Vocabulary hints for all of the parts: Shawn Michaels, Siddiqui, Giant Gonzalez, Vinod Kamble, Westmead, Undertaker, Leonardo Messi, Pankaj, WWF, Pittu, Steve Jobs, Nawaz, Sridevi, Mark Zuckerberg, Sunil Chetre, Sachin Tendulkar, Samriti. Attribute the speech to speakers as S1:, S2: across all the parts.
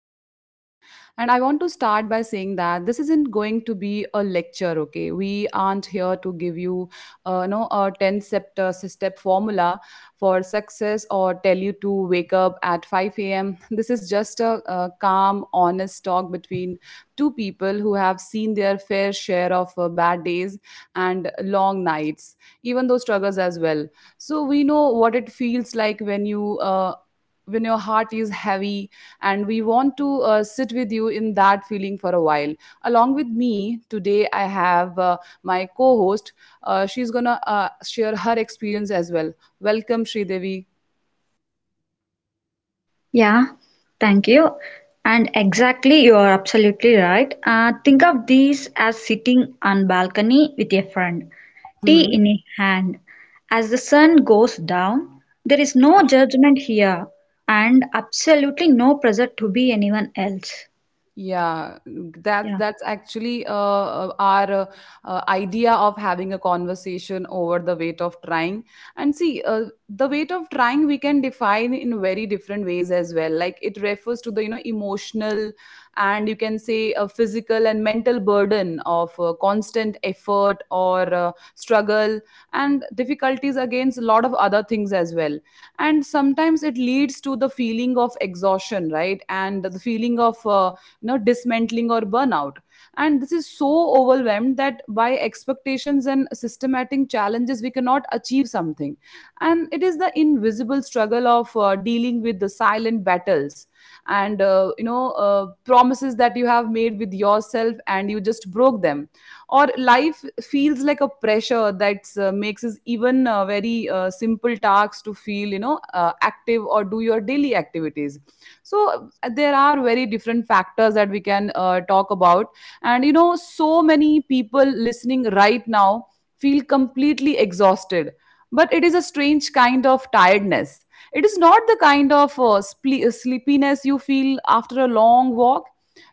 S1: of trying. And I want to start by saying that this isn't going to be a lecture. Okay, we aren't here to give you, a 10 step step formula for success or tell you to wake up at five a.m. This is just a calm, honest talk between two people who have seen their fair share of bad days and long nights, even those struggles as well. So we know what it feels like when you when your heart is heavy, and we want to sit with you in that feeling for a while. Along with me today I have my co-host. She's gonna share her experience as well. Welcome, Sridevi.
S2: Yeah, thank you. And exactly, you are absolutely right. Think of these as sitting on balcony with a friend, tea
S1: Mhm.
S2: in a hand. As the sun goes down, there is no judgment here and absolutely no pressure to be anyone else.
S1: Yeah, that
S2: Yeah,
S1: that's actually our idea of having a conversation over the weight of trying. And see, the weight of trying we can define in very different ways as well. Like, it refers to the, you know, emotional, and you can say a physical and mental burden of constant effort or struggle and difficulties against a lot of other things as well. And sometimes it leads to the feeling of exhaustion, right? And the feeling of, you know, dismantling or burnout, and this is so overwhelmed that by expectations and systematic challenges we cannot achieve something. And it is the invisible struggle of dealing with the silent battles and, you know, promises that you have made with yourself and you just broke them, or life feels like a pressure that makes us even very simple tasks to feel, you know, active or do your daily activities. So there are very different factors that we can talk about. And you know so many people listening right now feel completely exhausted, but it is a strange kind of tiredness. It is not the kind of sleepiness you feel after a long walk.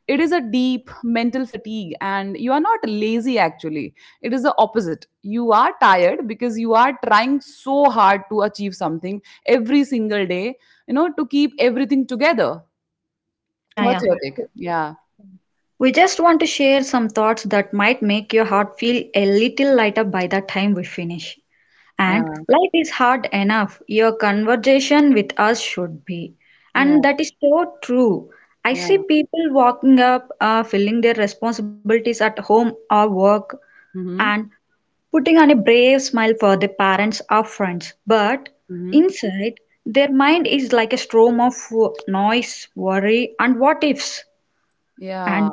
S1: It is a deep mental fatigue, and you are not lazy actually. It is the opposite. You are tired because you are trying so hard to achieve something every single day, you know, to keep everything together.
S2: yeah,
S1: What's
S2: yeah.
S1: your take? Yeah,
S2: We just want to share some thoughts that might make your heart feel a little lighter by the time we finish. And
S1: yeah,
S2: life is hard enough. Your conversation with us should be.
S1: yeah,
S2: And that is so true. I see
S1: yeah.
S2: people walking up, filling their responsibilities at home or work,
S1: Mm-hmm,
S2: and putting on a brave smile for their parents or friends. But
S1: mm-hmm.
S2: inside, their mind is like a storm of noise, worry, and what ifs.
S1: Yeah.
S2: And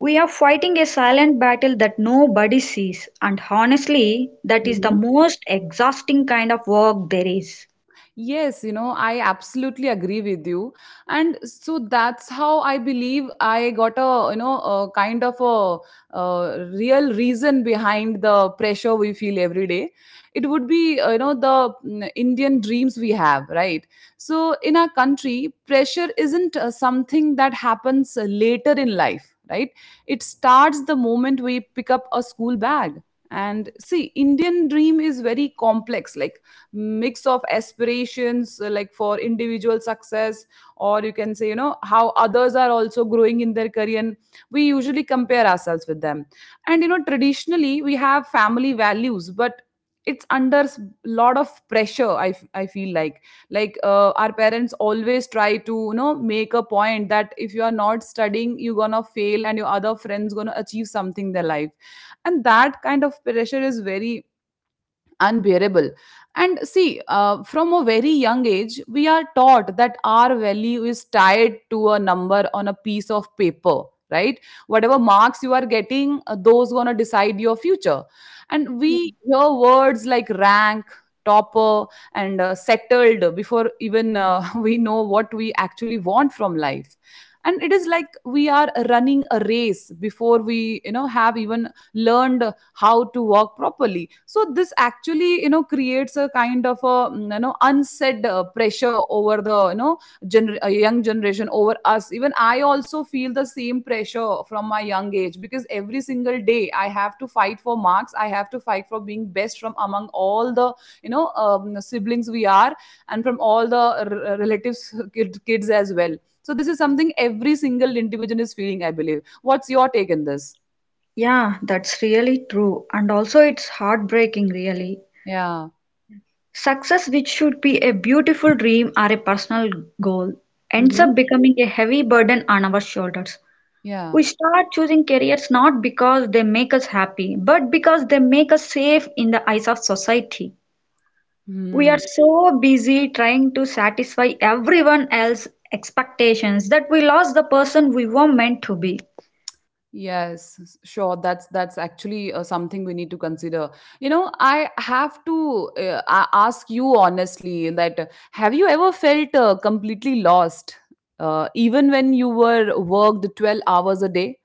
S2: we are fighting a silent battle that nobody sees, and honestly, that is the most exhausting kind of work there is.
S1: Yes, you know, I absolutely agree with you. And so that's how I believe I got a, you know, a kind of a, real reason behind the pressure we feel every day. It would be, you know, the Indian dreams we have, right? So in our country, pressure isn't something that happens later in life, right? It starts the moment we pick up a school bag. And see, Indian dream is very complex. Like, mix of aspirations like for individual success, or you can say, you know, how others are also growing in their career, and we usually compare ourselves with them. And you know traditionally we have family values, but it's under lot of pressure. I feel like our parents always try to, you know, make a point that if you are not studying you're gonna fail and your other friends gonna achieve something in their life, and that kind of pressure is very unbearable. And see, from a very young age we are taught that our value is tied to a number on a piece of paper, right? Whatever marks you are getting, those going to decide your future. And we hear words like rank, topper, and settled before even we know what we actually want from life. And it is like we are running a race before we, you know, have even learned how to walk properly. So this actually, you know, creates a kind of a, you know, unsaid pressure over the, you know, young generation, over us. Even I also feel the same pressure from my young age, because every single day I have to fight for marks, I have to fight for being best from among all the, you know, siblings we are, and from all the relatives kids as well. So this is something every single individual is feeling, I believe. What's your take on this?
S2: Yeah, that's really true, and also it's heartbreaking, really.
S1: Yeah.
S2: Success, which should be a beautiful dream or a personal goal, ends
S1: Hmm.
S2: up becoming a heavy burden on our shoulders.
S1: Yeah.
S2: We start choosing careers not because they make us happy, but because they make us safe in the eyes of society. We
S1: Hmm.
S2: are so busy trying to satisfy everyone else's expectations that we lost the person we were meant to be.
S1: Yes, sure. That's actually something we need to consider. You know, I have to ask you honestly that, have you ever felt completely lost, even when you were worked 12 hours a day?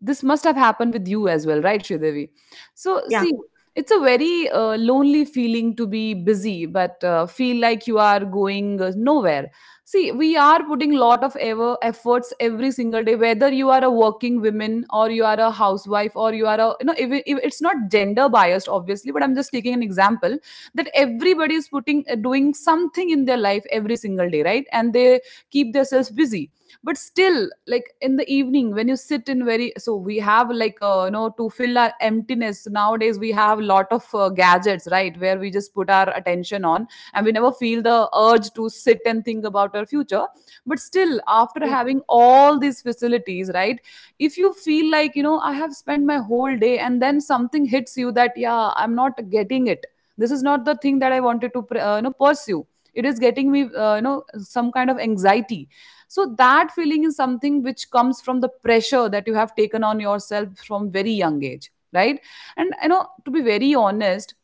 S1: This must have happened with you as well, right, Shridevi? So
S2: Yeah.
S1: see, it's a very lonely feeling to be busy but feel like you are going nowhere. See, we are putting lot of ever efforts every single day, whether you are a working woman or you are a housewife or you are a, you know, if it's not gender biased obviously, but I'm just taking an example, that everybody is putting, doing something in their life every single day, right? And they keep themselves busy. But still, like, in the evening when you sit in very, so we have like, you know, to fill our emptiness nowadays we have lot of gadgets, right, where we just put our attention on, and we never feel the urge to sit and think about our future. But still, after
S2: Yeah.
S1: having all these facilities, right, if you feel like, you know, I have spent my whole day and then something hits you that, yeah, I'm not getting it, this is not the thing that I wanted to you know, pursue. It is getting me, you know, some kind of anxiety. So that feeling is something which comes from the pressure that you have taken on yourself from very young age, right? And you know, to be very honest,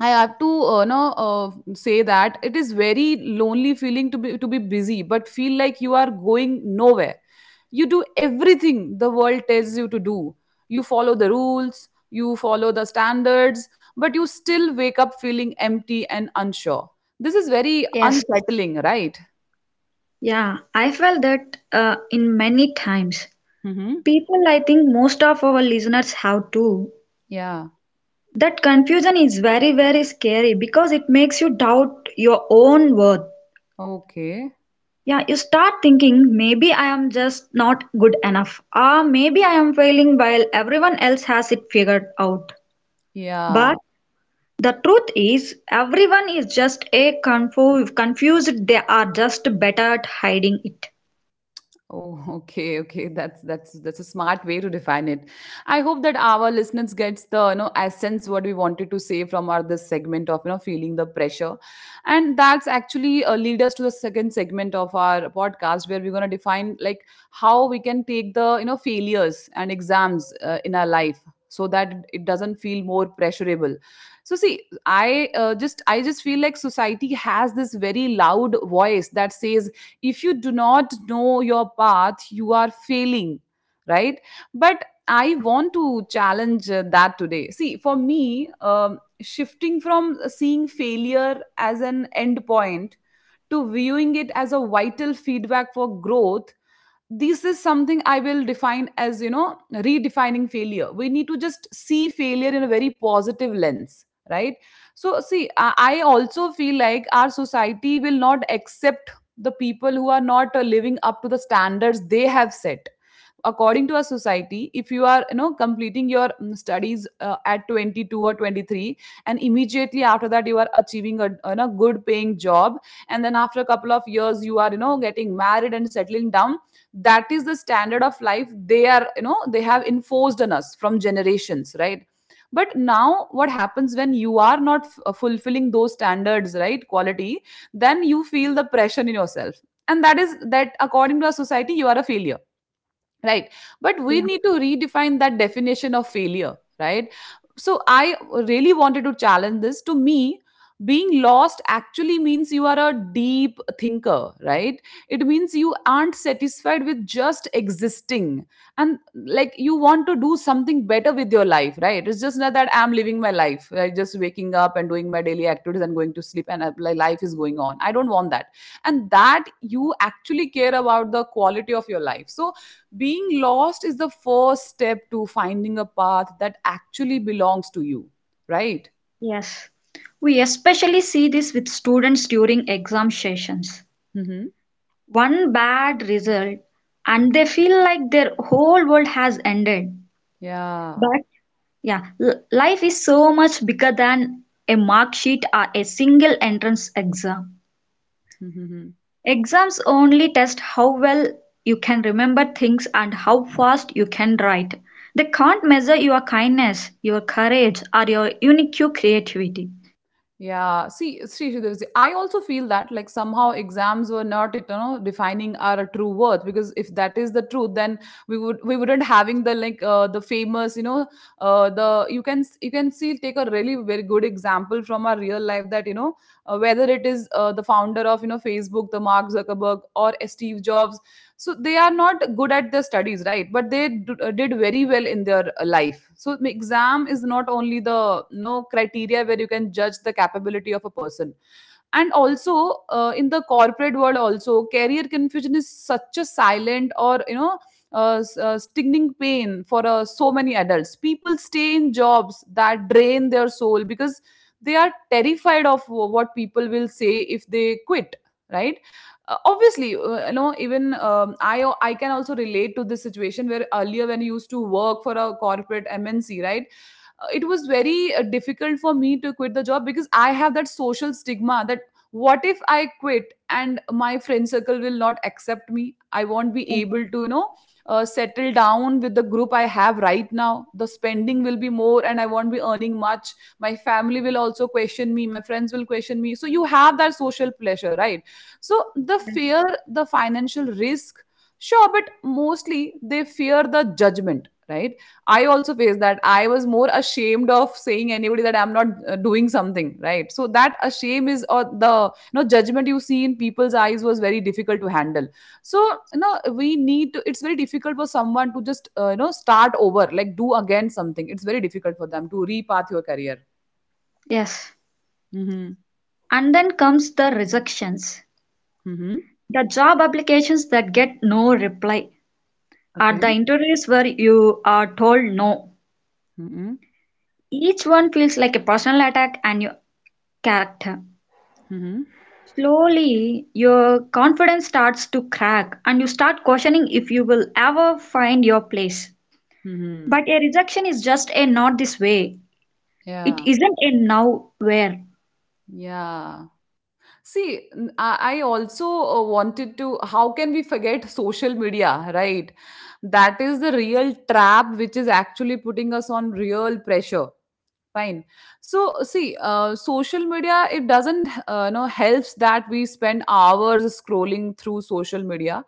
S1: I have to, know, say that it is very lonely feeling to be busy, but feel like you are going nowhere. You do everything the world tells you to do. You follow the rules, you follow the standards, but you still wake up feeling empty and unsure. This is very
S2: Yes.
S1: unsettling, right?
S2: Yeah. I felt that in many times.
S1: Mm-hmm.
S2: People, I think most of our listeners have too.
S1: Yeah.
S2: That confusion is very, very scary because it makes you doubt your own worth.
S1: Okay.
S2: Yeah, you start thinking maybe I am just not good enough, or maybe I am failing while everyone else has it figured out.
S1: Yeah.
S2: But the truth is, everyone is just a confused, they are just better at hiding it.
S1: Oh, okay, okay. That's a smart way to define it. I hope that our listeners gets the, you know, essence what we wanted to say from our this segment of, you know, feeling the pressure, and that's actually lead us to the second segment of our podcast, where we're gonna define like how we can take the, you know, failures and exams in our life, so that it doesn't feel more pressurable. So see, I just feel like society has this very loud voice that says, if you do not know your path you are failing, right? But I
S2: Yeah,
S1: want to challenge that today. See, for me, shifting from seeing failure as an end point to viewing it as a vital feedback for growth, this is something I will define as, you know, redefining failure. We need to just see failure in a very positive lens, right? So see, I also feel like our society will not accept the people who are not living up to the standards they have set. According to our society, if you are, you know, completing your studies at 22 or 23, and immediately after that you are achieving a good paying job, and then after a couple of years you are, you know, getting married and settling down, that is the standard of life they are, you know, they have enforced on us from generations, right? But now what happens when you are not fulfilling those standards, right, quality, then you feel the pressure in yourself, and that is that according to our society you are a failure, right? But we
S2: yeah,
S1: need to redefine that definition of failure, right? So I really wanted to challenge this. To me, being lost actually means you are a deep thinker, right? It means you aren't satisfied with just existing, and like, you want to do something better with your life, right? It's just not that I'm living my life, right? Just waking up and doing my daily activities and going to sleep, and like, life is going on. I don't want that. And that you actually care about the quality of your life, so being lost is the first step to finding a path that actually belongs to you, right?
S2: yes. We especially see this with students during exam sessions.
S1: Hmm.
S2: One bad result, and they feel like their whole world has ended.
S1: Yeah.
S2: But yeah, life is so much bigger than a mark sheet or a single entrance exam.
S1: Hmm.
S2: Exams only test how well you can remember things and how fast you can write. They can't measure your kindness, your courage, or your unique creativity.
S1: Yeah, see Sridharji, I also feel that like somehow exams were not, you know, defining our true worth, because if that is the truth then we wouldn't having the like the famous, you know, the you can see, take a really very good example from our real life that, you know, whether it is the founder of, you know, Facebook, the Mark Zuckerberg or Steve Jobs. So they are not good at their studies, right? But they did very well in their life. So exam
S2: Yes,
S1: is not only the no criteria where you can judge the capability of a person. And also in the corporate world also, career confusion is such a silent or, you know, stinging pain for so many adults. People stay in jobs that drain their soul because they are terrified of what people will say if they quit, right? Obviously, you know, even I can also relate to this situation where earlier when you used to work for a corporate MNC, right. It was very difficult for me to quit the job because I have that social stigma that, what if I quit and my friend circle will not accept me, I won't be
S2: yes.
S1: able to, you know, settle down with the group I have right now, the spending will be more and I won't be earning much, my family will also question me, my friends will question me, so you have that social pressure, right? So the fear, the financial risk, sure, but mostly they fear the judgment, right? I also faced that. I was more ashamed of saying anybody that I'm not doing something, right? So that a shame is, or the, you know, judgment you see in people's eyes was very difficult to handle. So, you know, we need to. It's very difficult for someone to just you know start over, like do again something. It's very difficult for them to repath your career.
S2: Yes.
S1: Mm-hmm.
S2: And then comes the rejections.
S1: Mm-hmm.
S2: The job applications that get no reply or
S1: Okay.
S2: the interviews where you are told no.
S1: Mm-hmm.
S2: Each one feels like a personal attack and your character.
S1: Mm-hmm.
S2: Slowly, your confidence starts to crack and you start questioning if you will ever find your place.
S1: Mm-hmm.
S2: But a rejection is just a not this way. It
S1: Yeah.
S2: isn't a now where.
S1: Yeah. See, I also wanted to. How can we forget social media, right? That is the real trap which is actually putting us on real pressure, fine. So see, social media, it doesn't you know helps that we spend hours scrolling through social media.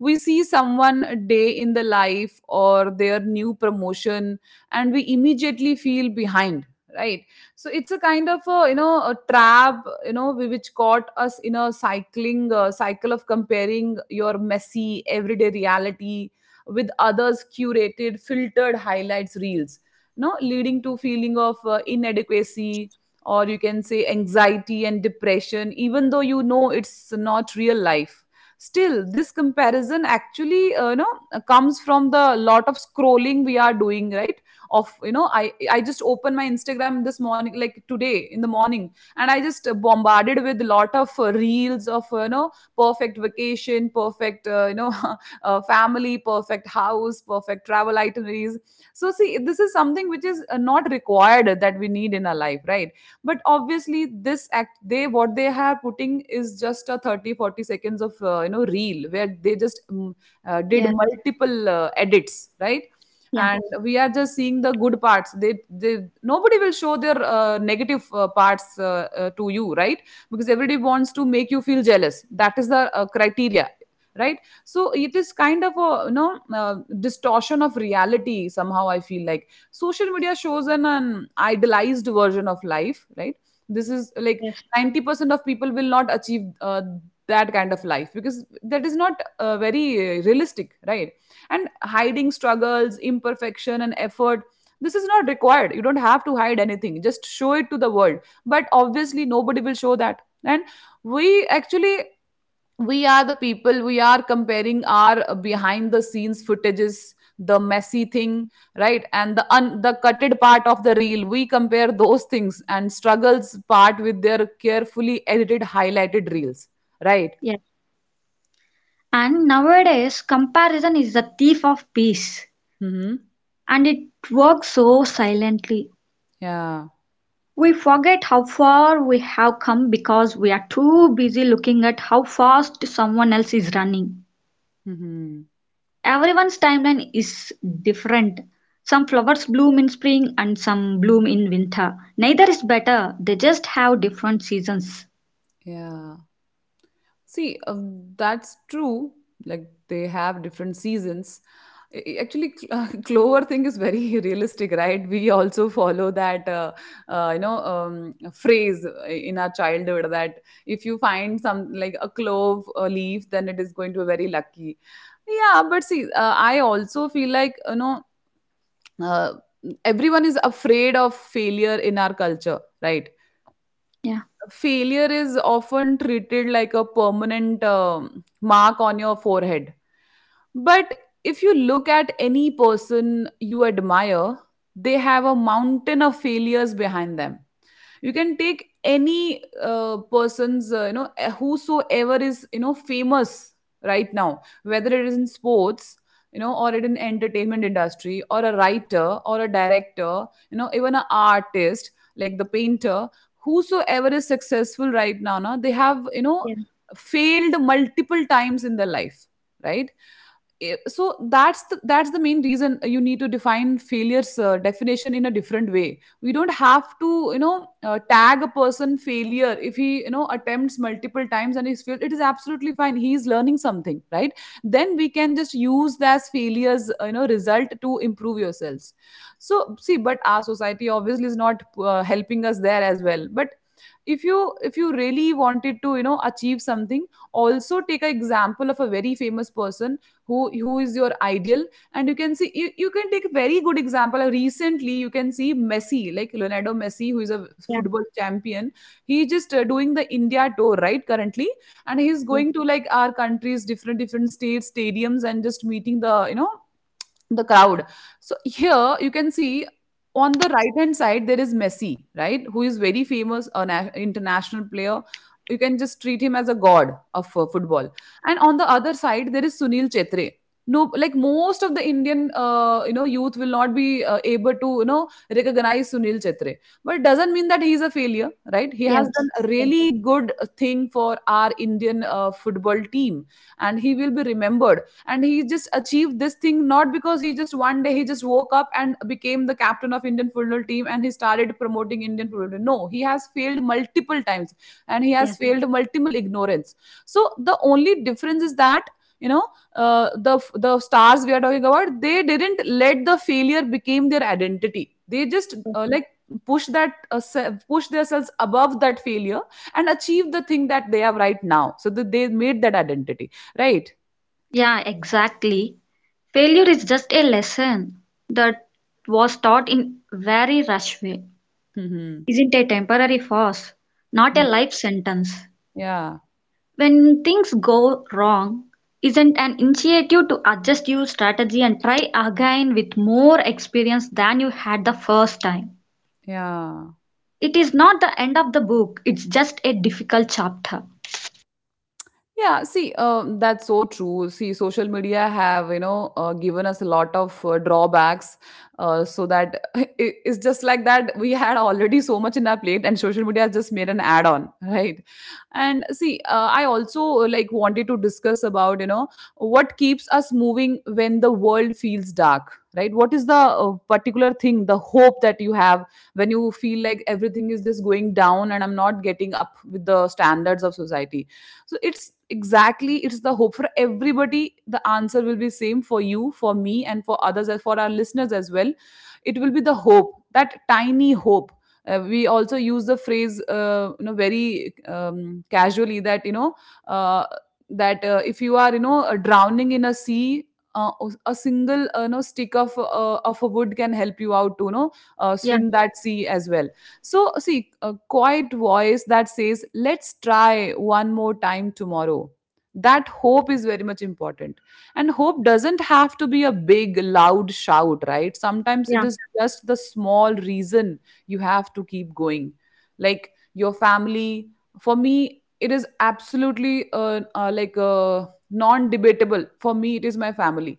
S1: We see someone a day in the life or their new promotion, and we immediately feel behind, right? So it's a kind of a, you know, a trap, you know, which caught us in a cycling cycle of comparing your messy everyday reality with others curated filtered highlights reels. No, leading to feeling of inadequacy or you can say anxiety and depression, even though you know it's not real life. Still this comparison actually, comes from the lot of scrolling we are doing, right? Of, you know, I just opened my Instagram this morning, like today in the morning, and I just bombarded with lot of reels of, you know, perfect vacation, perfect, you know, family, perfect house, perfect travel itineraries. So see, this is something which is not required that we need in our life, right? But obviously this act, they what they are putting is just a 30, 40 seconds of you know reel where they just did
S2: Yes,
S1: multiple edits, right?
S2: yeah,
S1: And we are just seeing the good parts. They nobody will show their negative parts to you, right? Because everybody wants to make you feel jealous, that is the criteria, right? So it is kind of a, you know, distortion of reality. Somehow I feel like social media shows an idealized version of life, right? This is like
S2: yes,
S1: 90% of people will not achieve that kind of life because that is not very realistic, right? And hiding struggles, imperfection and effort, this is not required. You don't have to hide anything, just show it to the world. But obviously nobody will show that. And we actually, we are the people, we are comparing our behind the scenes footages, the messy thing, right, and the cutted part of the reel. We compare those things and struggles part with their carefully edited highlighted reels, right.
S2: yes, and nowadays, comparison is the thief of peace
S1: Mm-hmm.
S2: and it works so silently.
S1: Yeah.
S2: We forget how far we have come because we are too busy looking at how fast someone else is running.
S1: Mm-hmm.
S2: Everyone's timeline is different. Some flowers bloom in spring and some bloom in winter. Neither is better, they just have different seasons.
S1: Yeah. See, that's true. Like they have different seasons. Actually, clover thing is very realistic, right? We also follow that, you know, phrase in our childhood that if you find some like a clove leaf, then it is going to be very lucky. Yeah, but see, I also feel like, you know, uh, everyone is afraid of failure in our culture, right?
S2: Yeah,
S1: Failure is often treated like a permanent mark on your forehead. But if you look at any person you admire, they have a mountain of failures behind them. You can take any person's, you know, whosoever is, you know, famous right now, whether it is in sports, you know, or it in entertainment industry, or a writer, or a director, you know, even an artist like the painter, whosoever is successful right now, na, they have, you know,
S2: yeah,
S1: failed multiple times in their life, right? So that's the main reason you need to define failures definition in a different way. We don't have to, you know, tag a person failure if he, you know, attempts multiple times and he's failed. It is absolutely fine, he is learning something, right? Then we can just use that as failures you know result to improve yourselves. So see, but our society obviously is not helping us there as well. But if you really wanted to, you know, achieve something, also take an example of a very famous person who is your ideal, and you can see you, you can take a very good example. Recently you can see Messi, like Leonardo Messi, who is a
S2: yeah,
S1: football champion. He just doing the India tour right currently, and he's
S2: yeah,
S1: going to like our countries different different states stadiums and just meeting the, you know, the crowd. So here you can see on the right hand side there is Messi, right? Who is very famous, an international player. You can just treat him as a god of football. And on the other side there is Sunil Chetre. No, like most of the Indian, you know, youth will not be able to, you know, recognize Sunil Chetre. But it doesn't mean that he is a failure, right? He has done
S2: yes,
S1: a
S2: yes,
S1: really good thing for our Indian football team, and he will be remembered. And he just achieved this thing not because he just one day he just woke up and became the captain of Indian football team and he started promoting Indian football. No, he has failed multiple times, and he
S2: yeah,
S1: has failed multiple ignorance. So the only difference is that, you know, uh, the the stars we are talking about, they didn't let the failure become their identity. They just like push that push themselves above that failure and achieve the thing that they have right now, so that they made that identity, right?
S2: yeah, exactly. Failure is just a lesson that was taught in very rush way.
S1: Hmm.
S2: Isn't a temporary force, not a
S1: Mm.
S2: life sentence.
S1: Yeah,
S2: When things go wrong, isn't an initiative to adjust your strategy and try again with more experience than you had the first time.
S1: yeah.
S2: It is not the end of the book, it's just a difficult chapter.
S1: Yeah, see, that's so true. See, social media have, you know, given us a lot of drawbacks, so that it's just like that we had already so much in our plate, and social media has just made an add-on, right? And see, I also like wanted to discuss about, you know, what keeps us moving when the world feels dark, right? What is the particular thing, the hope that you have when you feel like everything is just going down and I'm not getting up with the standards of society? So it's exactly, it's the hope for everybody. The answer will be same for you, for me and for others and for our listeners as well. It will be the hope, that tiny hope. We also use the phrase, you know, very um, casually, that you know uh, that if you are, you know, drowning in a sea, uh, a single you know stick of a wood can help you out to, you know,
S2: Yeah,
S1: swim that sea as well. So, see, a quiet voice that says, let's try one more time tomorrow. That hope is very much important. And hope doesn't have to be a big, loud shout, right? Sometimes it
S2: yeah,
S1: is just the small reason you have to keep going. Like your family, for me, it is absolutely like non debatable. For me, it is my family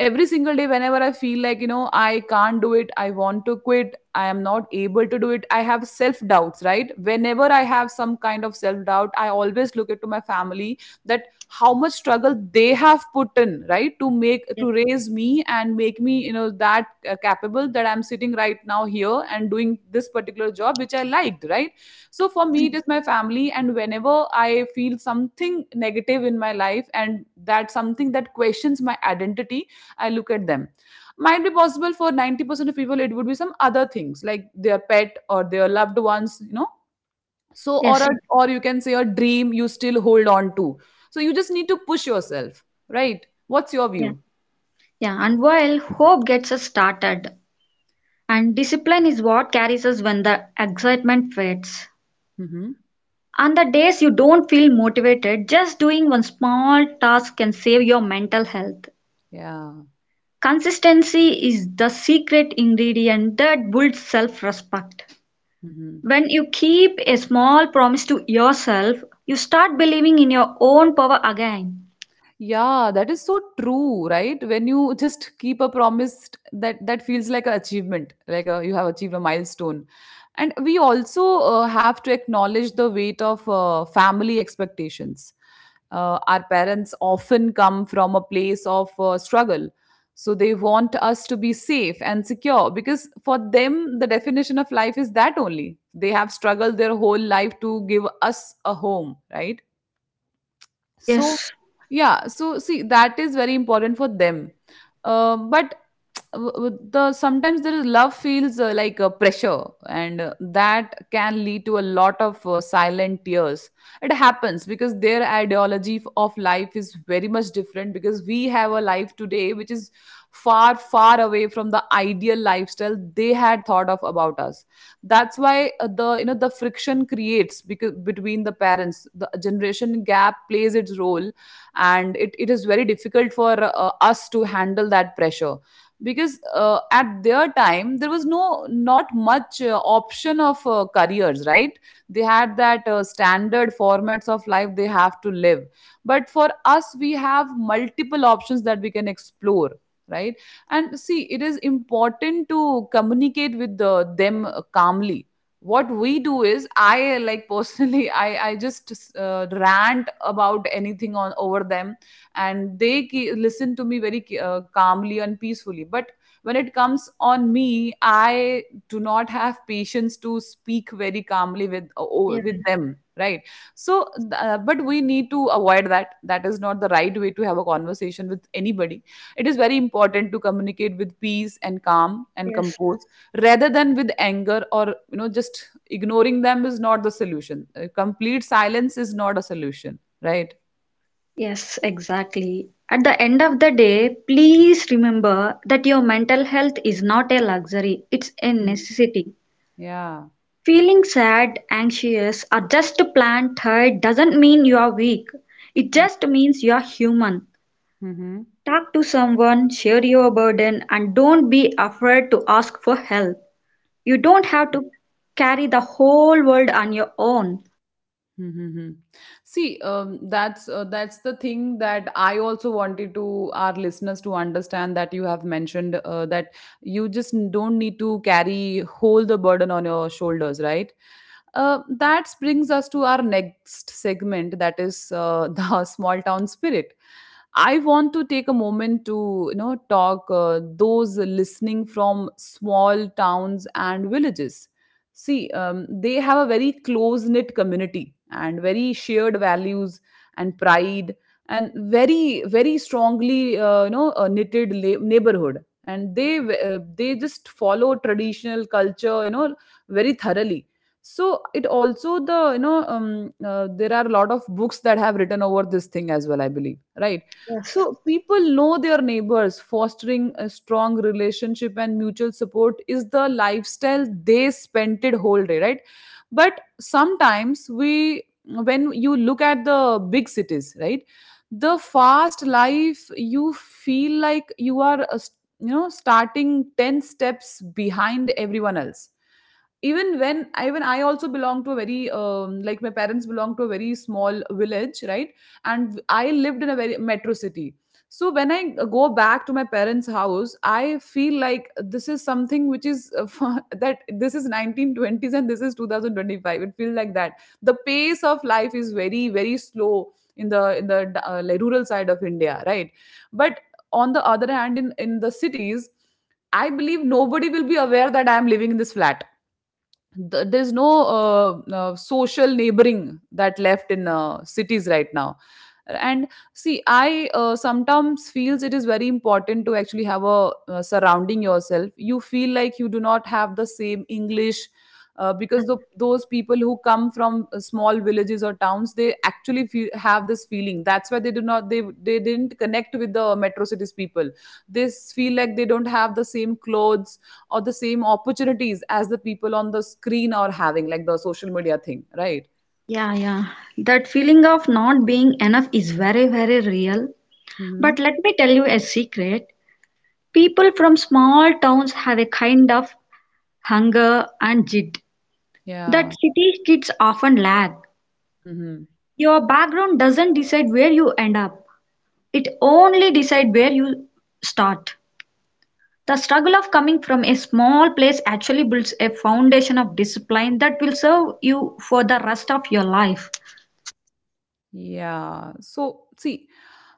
S1: every single day. Whenever I feel like I can't do it, I want to quit, I am not able to do it, I have self doubts, right? Whenever I have some kind of self doubt, I always look into my family, that how much struggle they have put in, right, to make
S2: yeah.
S1: to raise me and make me that capable that I'm sitting right now here and doing this particular job which I liked, right? So for me
S2: Yes,
S1: it is my family, and whenever I feel something negative in my life and that something that questions my identity, I look at them. Might be possible for 90% of people, it would be some other things like their pet or their loved ones, So, or,
S2: yes,
S1: a, or you can say a dream you still hold on to. So, you just need to push yourself, right? What's your
S2: yeah.
S1: view?
S2: Yeah, and while hope gets us started, and discipline is what carries us when the excitement fades.
S1: Mm-hmm.
S2: On the days you don't feel motivated, just doing one small task can save your mental health.
S1: Yeah.
S2: Consistency is the secret ingredient that builds self-respect.
S1: Mm-hmm.
S2: When you keep a small promise to yourself, you start believing in your own power again.
S1: Yeah, that is so true, right? When you just keep a promise, that feels like an achievement, like you have achieved a milestone. And we also have to acknowledge the weight of family expectations. Our parents often come from a place of struggle, so they want us to be safe and secure because for them the definition of life is that only. They have struggled their whole life to give us a home, right? So
S2: Yes,
S1: yeah, so see, that is very important for them, but w- w- the sometimes the love feels like a pressure, and that can lead to a lot of silent tears. It happens because their ideology of life is very much different, because we have a life today which is far far away from the ideal lifestyle they had thought of about us. That's why the you know the friction creates, because between the parents the generation gap plays its role, and it is very difficult for us to handle that pressure. Because at their time there was not much option of careers, right? They had that standard formats of life they have to live, but for us we have multiple options that we can explore, right? And see, it is important to communicate with them calmly. What we do is I like personally I just rant about anything on over them, and they listen to me very calmly and peacefully. But when it comes on me, I do not have patience to speak very calmly with
S2: yeah,
S1: with them, right? So but we need to avoid that. That is not the right way to have a conversation with anybody. It is very important to communicate with peace and calm and
S2: yes,
S1: compose, rather than with anger. Or just ignoring them is not the solution. Complete silence is not a solution, right?
S2: yes, exactly. At the end of the day, please remember that your mental health is not a luxury, it's a
S1: Mm.
S2: necessity.
S1: Yeah.
S2: Feeling sad, anxious, or just plain tired doesn't mean you are weak. It just means you are human.
S1: Mm-hmm.
S2: Talk to someone, share your burden, and don't be afraid to ask for help. You don't have to carry the whole world on your own.
S1: Mm-hmm. See, that's the thing that I also wanted to our listeners to understand, that you have mentioned that you just don't need to carry whole the burden on your shoulders, right? That brings us to our next segment, that is the small town spirit. I want to take a moment to talk those listening from small towns and villages. See, they have a very close knit community and very shared values and pride, and very very strongly knitted neighborhood, and they just follow traditional culture, very thoroughly. So it also there are a lot of books that have written over this thing as well, I believe, right?
S2: Yes.
S1: So people know their neighbors. Fostering a strong relationship and mutual support is the lifestyle they spent it whole day, right? But sometimes we when you look at the big cities, right? The fast life, you feel like you are starting 10 steps behind everyone else. Even when even I also belong to a very like, my parents belong to a very small village, right? And I lived in a very metro city. So when I go back to my parents house, I feel like this is something which is that this is 1920s and this is 2025, it feels like that. The pace of life is very very slow in the like rural side of India, right? But on the other hand, in the cities, I believe nobody will be aware that I am living in this flat. There's no social neighboring that left in cities right now. And see, I sometimes feels it is very important to actually have a surrounding yourself. You feel like you do not have the same English,
S2: Yeah.
S1: because those people who come from small villages or towns, they actually feel, have this feeling, that's why they do not, they didn't connect with the metro cities people. They feel like they don't have the same clothes or the same opportunities as the people on the screen are having, like the social media thing, right?
S2: Yeah, yeah. That feeling of not being enough is very, very real.
S1: Hmm.
S2: But let me tell you a secret. People from small towns have a kind of hunger and jit that
S1: Yeah.
S2: city kids often lack.
S1: Hmm.
S2: Your background doesn't decide where you end up. It only decides where you start. The struggle of coming from a small place actually builds a foundation of discipline that will serve you for the rest of your life.
S1: Yeah. So, see,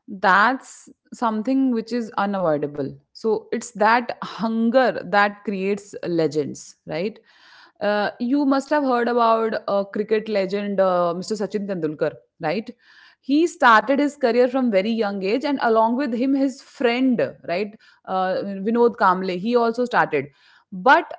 S1: that's something which is unavoidable. So, it's that hunger that creates legends, right? You must have heard about cricket legend Mr. Sachin Tendulkar, right? He started his career from very young age, and along with him, his friend, right, uh, Vinod Kamble, he also started. But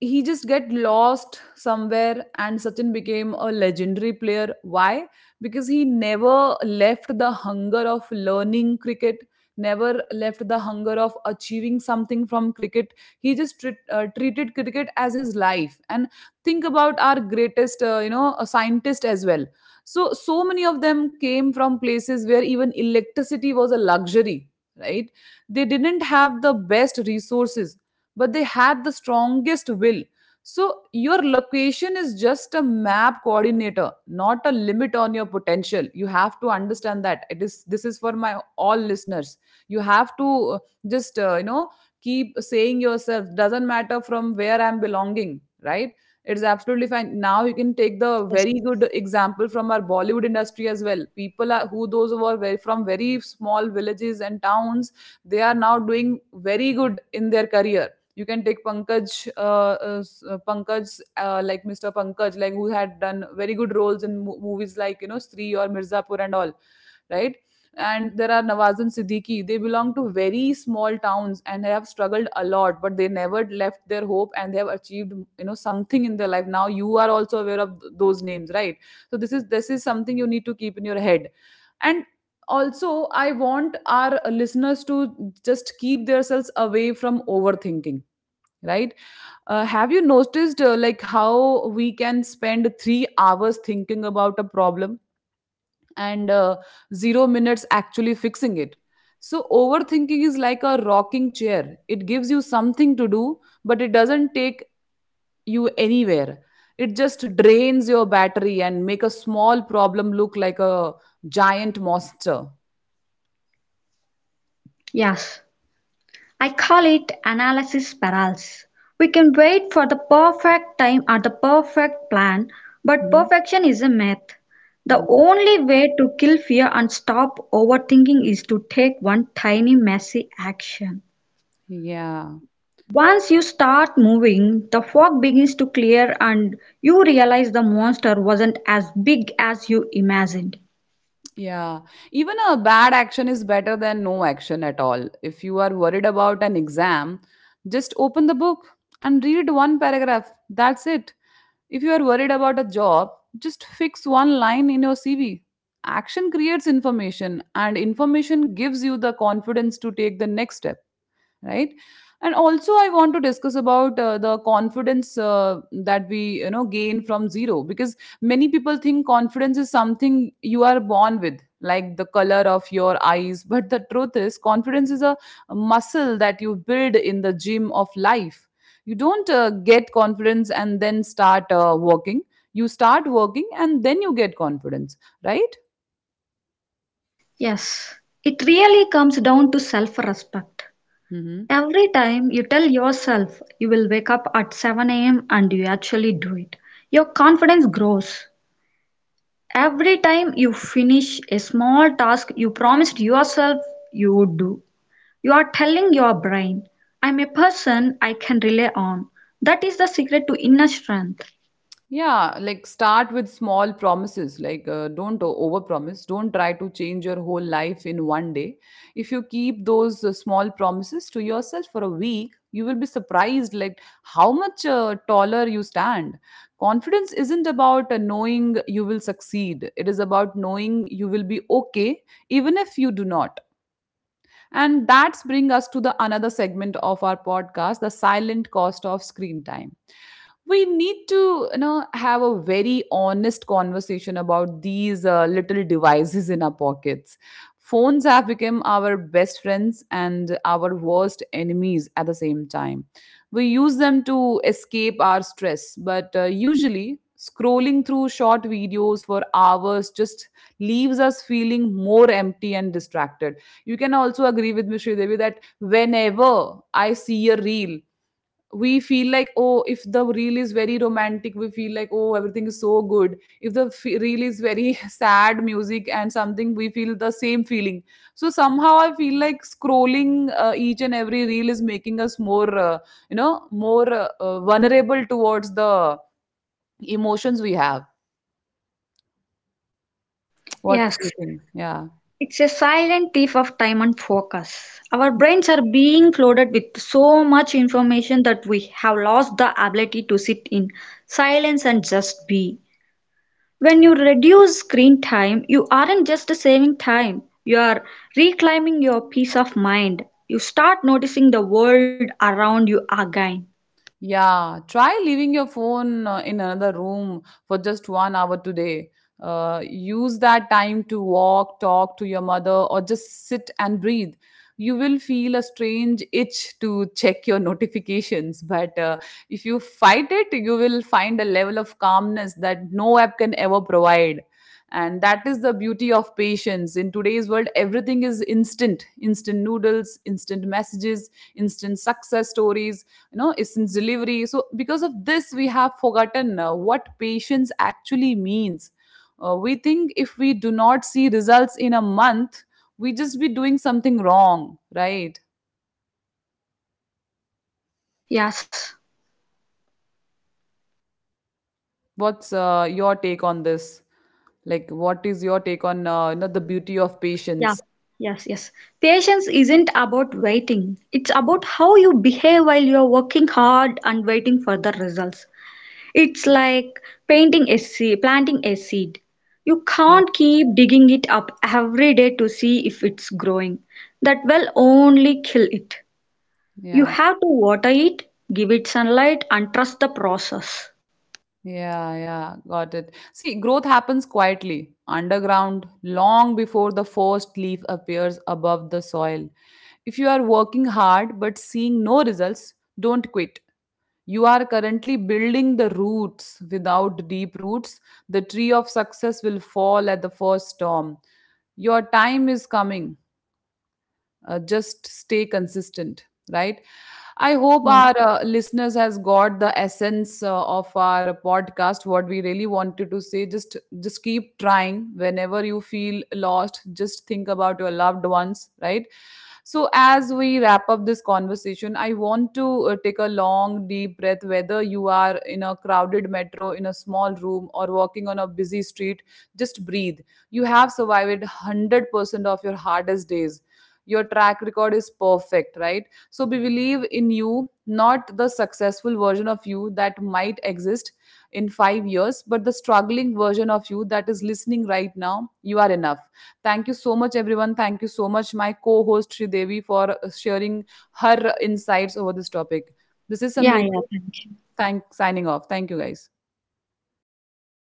S1: he just get lost somewhere, and Sachin became a legendary player. Why? Because he never left the hunger of learning cricket, never left the hunger of achieving something from cricket. He just treated cricket as his life. And think about our greatest a scientist as well. So many of them came from places where even electricity was a luxury, right? They didn't have the best resources, but they had the strongest will. So your location is just a map coordinator, not a limit on your potential. You have to understand that. It is, this is for my all listeners. You have to uh, just you know keep saying yourself, doesn't matter from where I'm belonging, right? It's absolutely fine. Now you can take the very good example from our Bollywood industry as well. People are, who those who are very, from very small villages and towns, they are now doing very good in their career. You can take Pankaj, like Mr. Pankaj, like who had done very good roles in movies like Stree or Mirzapur and all, right? And there are Nawaz and Siddiqui. They belong to very small towns and have struggled a lot, but they never left their hope and they have achieved something in their life. Now you are also aware of those names, right? So this is something you need to keep in your head. And also, I want our listeners to just keep themselves away from overthinking, right? Have you noticed like how we can spend 3 hours thinking about a problem and 0 minutes actually fixing it? So overthinking is like a rocking chair, it gives you something to do, but it doesn't take you anywhere. It just drains your battery and make a small problem look like a giant monster.
S2: Yes, I call it analysis paralysis. We can wait for the perfect time or the perfect plan, but
S1: Mhm.
S2: perfection is a myth. The
S1: Yeah.
S2: only way to kill fear and stop overthinking is to take one tiny, messy action.
S1: Yeah.
S2: Once you start moving, the fog begins to clear and you realize the monster wasn't as big as you imagined.
S1: Yeah, even a bad action is better than no action at all. If you are worried about an exam, just open the book and read one paragraph. That's it. If you are worried about a job, just fix one line in your CV. Action creates information, and information gives you the confidence to take the next step, right? And also I want to discuss about the confidence that we gain from zero. Because many people think confidence is something you are born with like the color of your eyes, but the truth is confidence is a muscle that you build in the gym of life. You don't get confidence and then start working. You start working and then you get confidence, right?
S2: Yes, it really comes down to self respect.
S1: Hmm.
S2: Every time you tell yourself you will wake up at 7 a.m. and you actually do it, your confidence grows. Every time you finish a small task you promised yourself you would do, you are telling your brain, I'm a person I can rely on. That is the secret to inner strength.
S1: Yeah, like start with small promises. Like don't overpromise. Don't try to change your whole life in one day. If you keep those small promises to yourself for a week, you will be surprised like how much taller you stand. Confidence isn't about knowing you will succeed. It is about knowing you will be okay even if you do not. And that's bring us to the another segment of our podcast, the silent cost of screen time. We need to have a very honest conversation about these little devices in our pockets. Phones have become our best friends and our worst enemies at the same time. We use them to escape our stress, but usually scrolling through short videos for hours just leaves us feeling more empty and distracted. You can also agree with me, Devi, that whenever I see a reel, we feel like, oh, if the reel is very romantic, we feel like, oh, everything is so good. If the reel is very sad music and something, we feel the same feeling. So somehow I feel like scrolling each and every reel is making us more, more vulnerable towards the emotions we have. What do
S2: Yes,
S1: you think? Yeah.
S2: it's a silent thief of time and focus. Our brains are being flooded with so much information that we have lost the ability to sit in silence and just be. When you reduce screen time, you aren't just saving time, you are reclaiming your peace of mind. You start noticing the world around you again.
S1: Yeah, try leaving your phone in another room for just 1 hour today. Use that time to walk, talk to your mother, or just sit and breathe. You will feel a strange itch to check your notifications, but if you fight it, you will find a level of calmness that no app can ever provide. And that is the beauty of patience. In today's world, everything is instant. Instant noodles, instant messages, instant success stories, instant delivery. So because of this, we have forgotten what patience actually means. We think if we do not see results in a month, we just be doing something wrong, right?
S2: Yes,
S1: What's your take on this? Like, what is your take on the beauty of
S2: yeah,
S1: patience?
S2: yes, yes. Patience isn't about waiting, it's about how you behave while you're working hard and waiting for the results. It's like painting a seed, planting a seed. You can't keep digging it up every day to see if it's growing. That will only kill it. You
S1: Yeah.
S2: have to water it, give it sunlight, and trust the process.
S1: Yeah, yeah, got it. See, growth happens quietly, underground, long before the first leaf appears above the soil. If you are working hard but seeing no results, don't quit. You are currently building the roots. Without deep roots, the tree of success will fall at the first storm. Your time is coming, just stay consistent, right? I hope
S2: Yeah,
S1: our listeners has got the essence of our podcast, what we really wanted to say. Just keep trying. Whenever you feel lost, just think about your loved ones, right? So as we wrap up this conversation, I want to take a long deep breath. Whether you are in a crowded metro, in a small room, or walking on a busy street, just breathe. You have survived 100% of your hardest days. Your track record is perfect, right? So we believe in you, not the successful version of you that might exist in 5 years, but the struggling version of you that is listening right now. You are enough. Thank you so much everyone. Thank you so much my co-host Sridevi for sharing her insights over this topic. This is
S2: yeah, yeah.
S1: Samriti.
S2: Thank you.
S1: Thank, signing off. Thank you guys.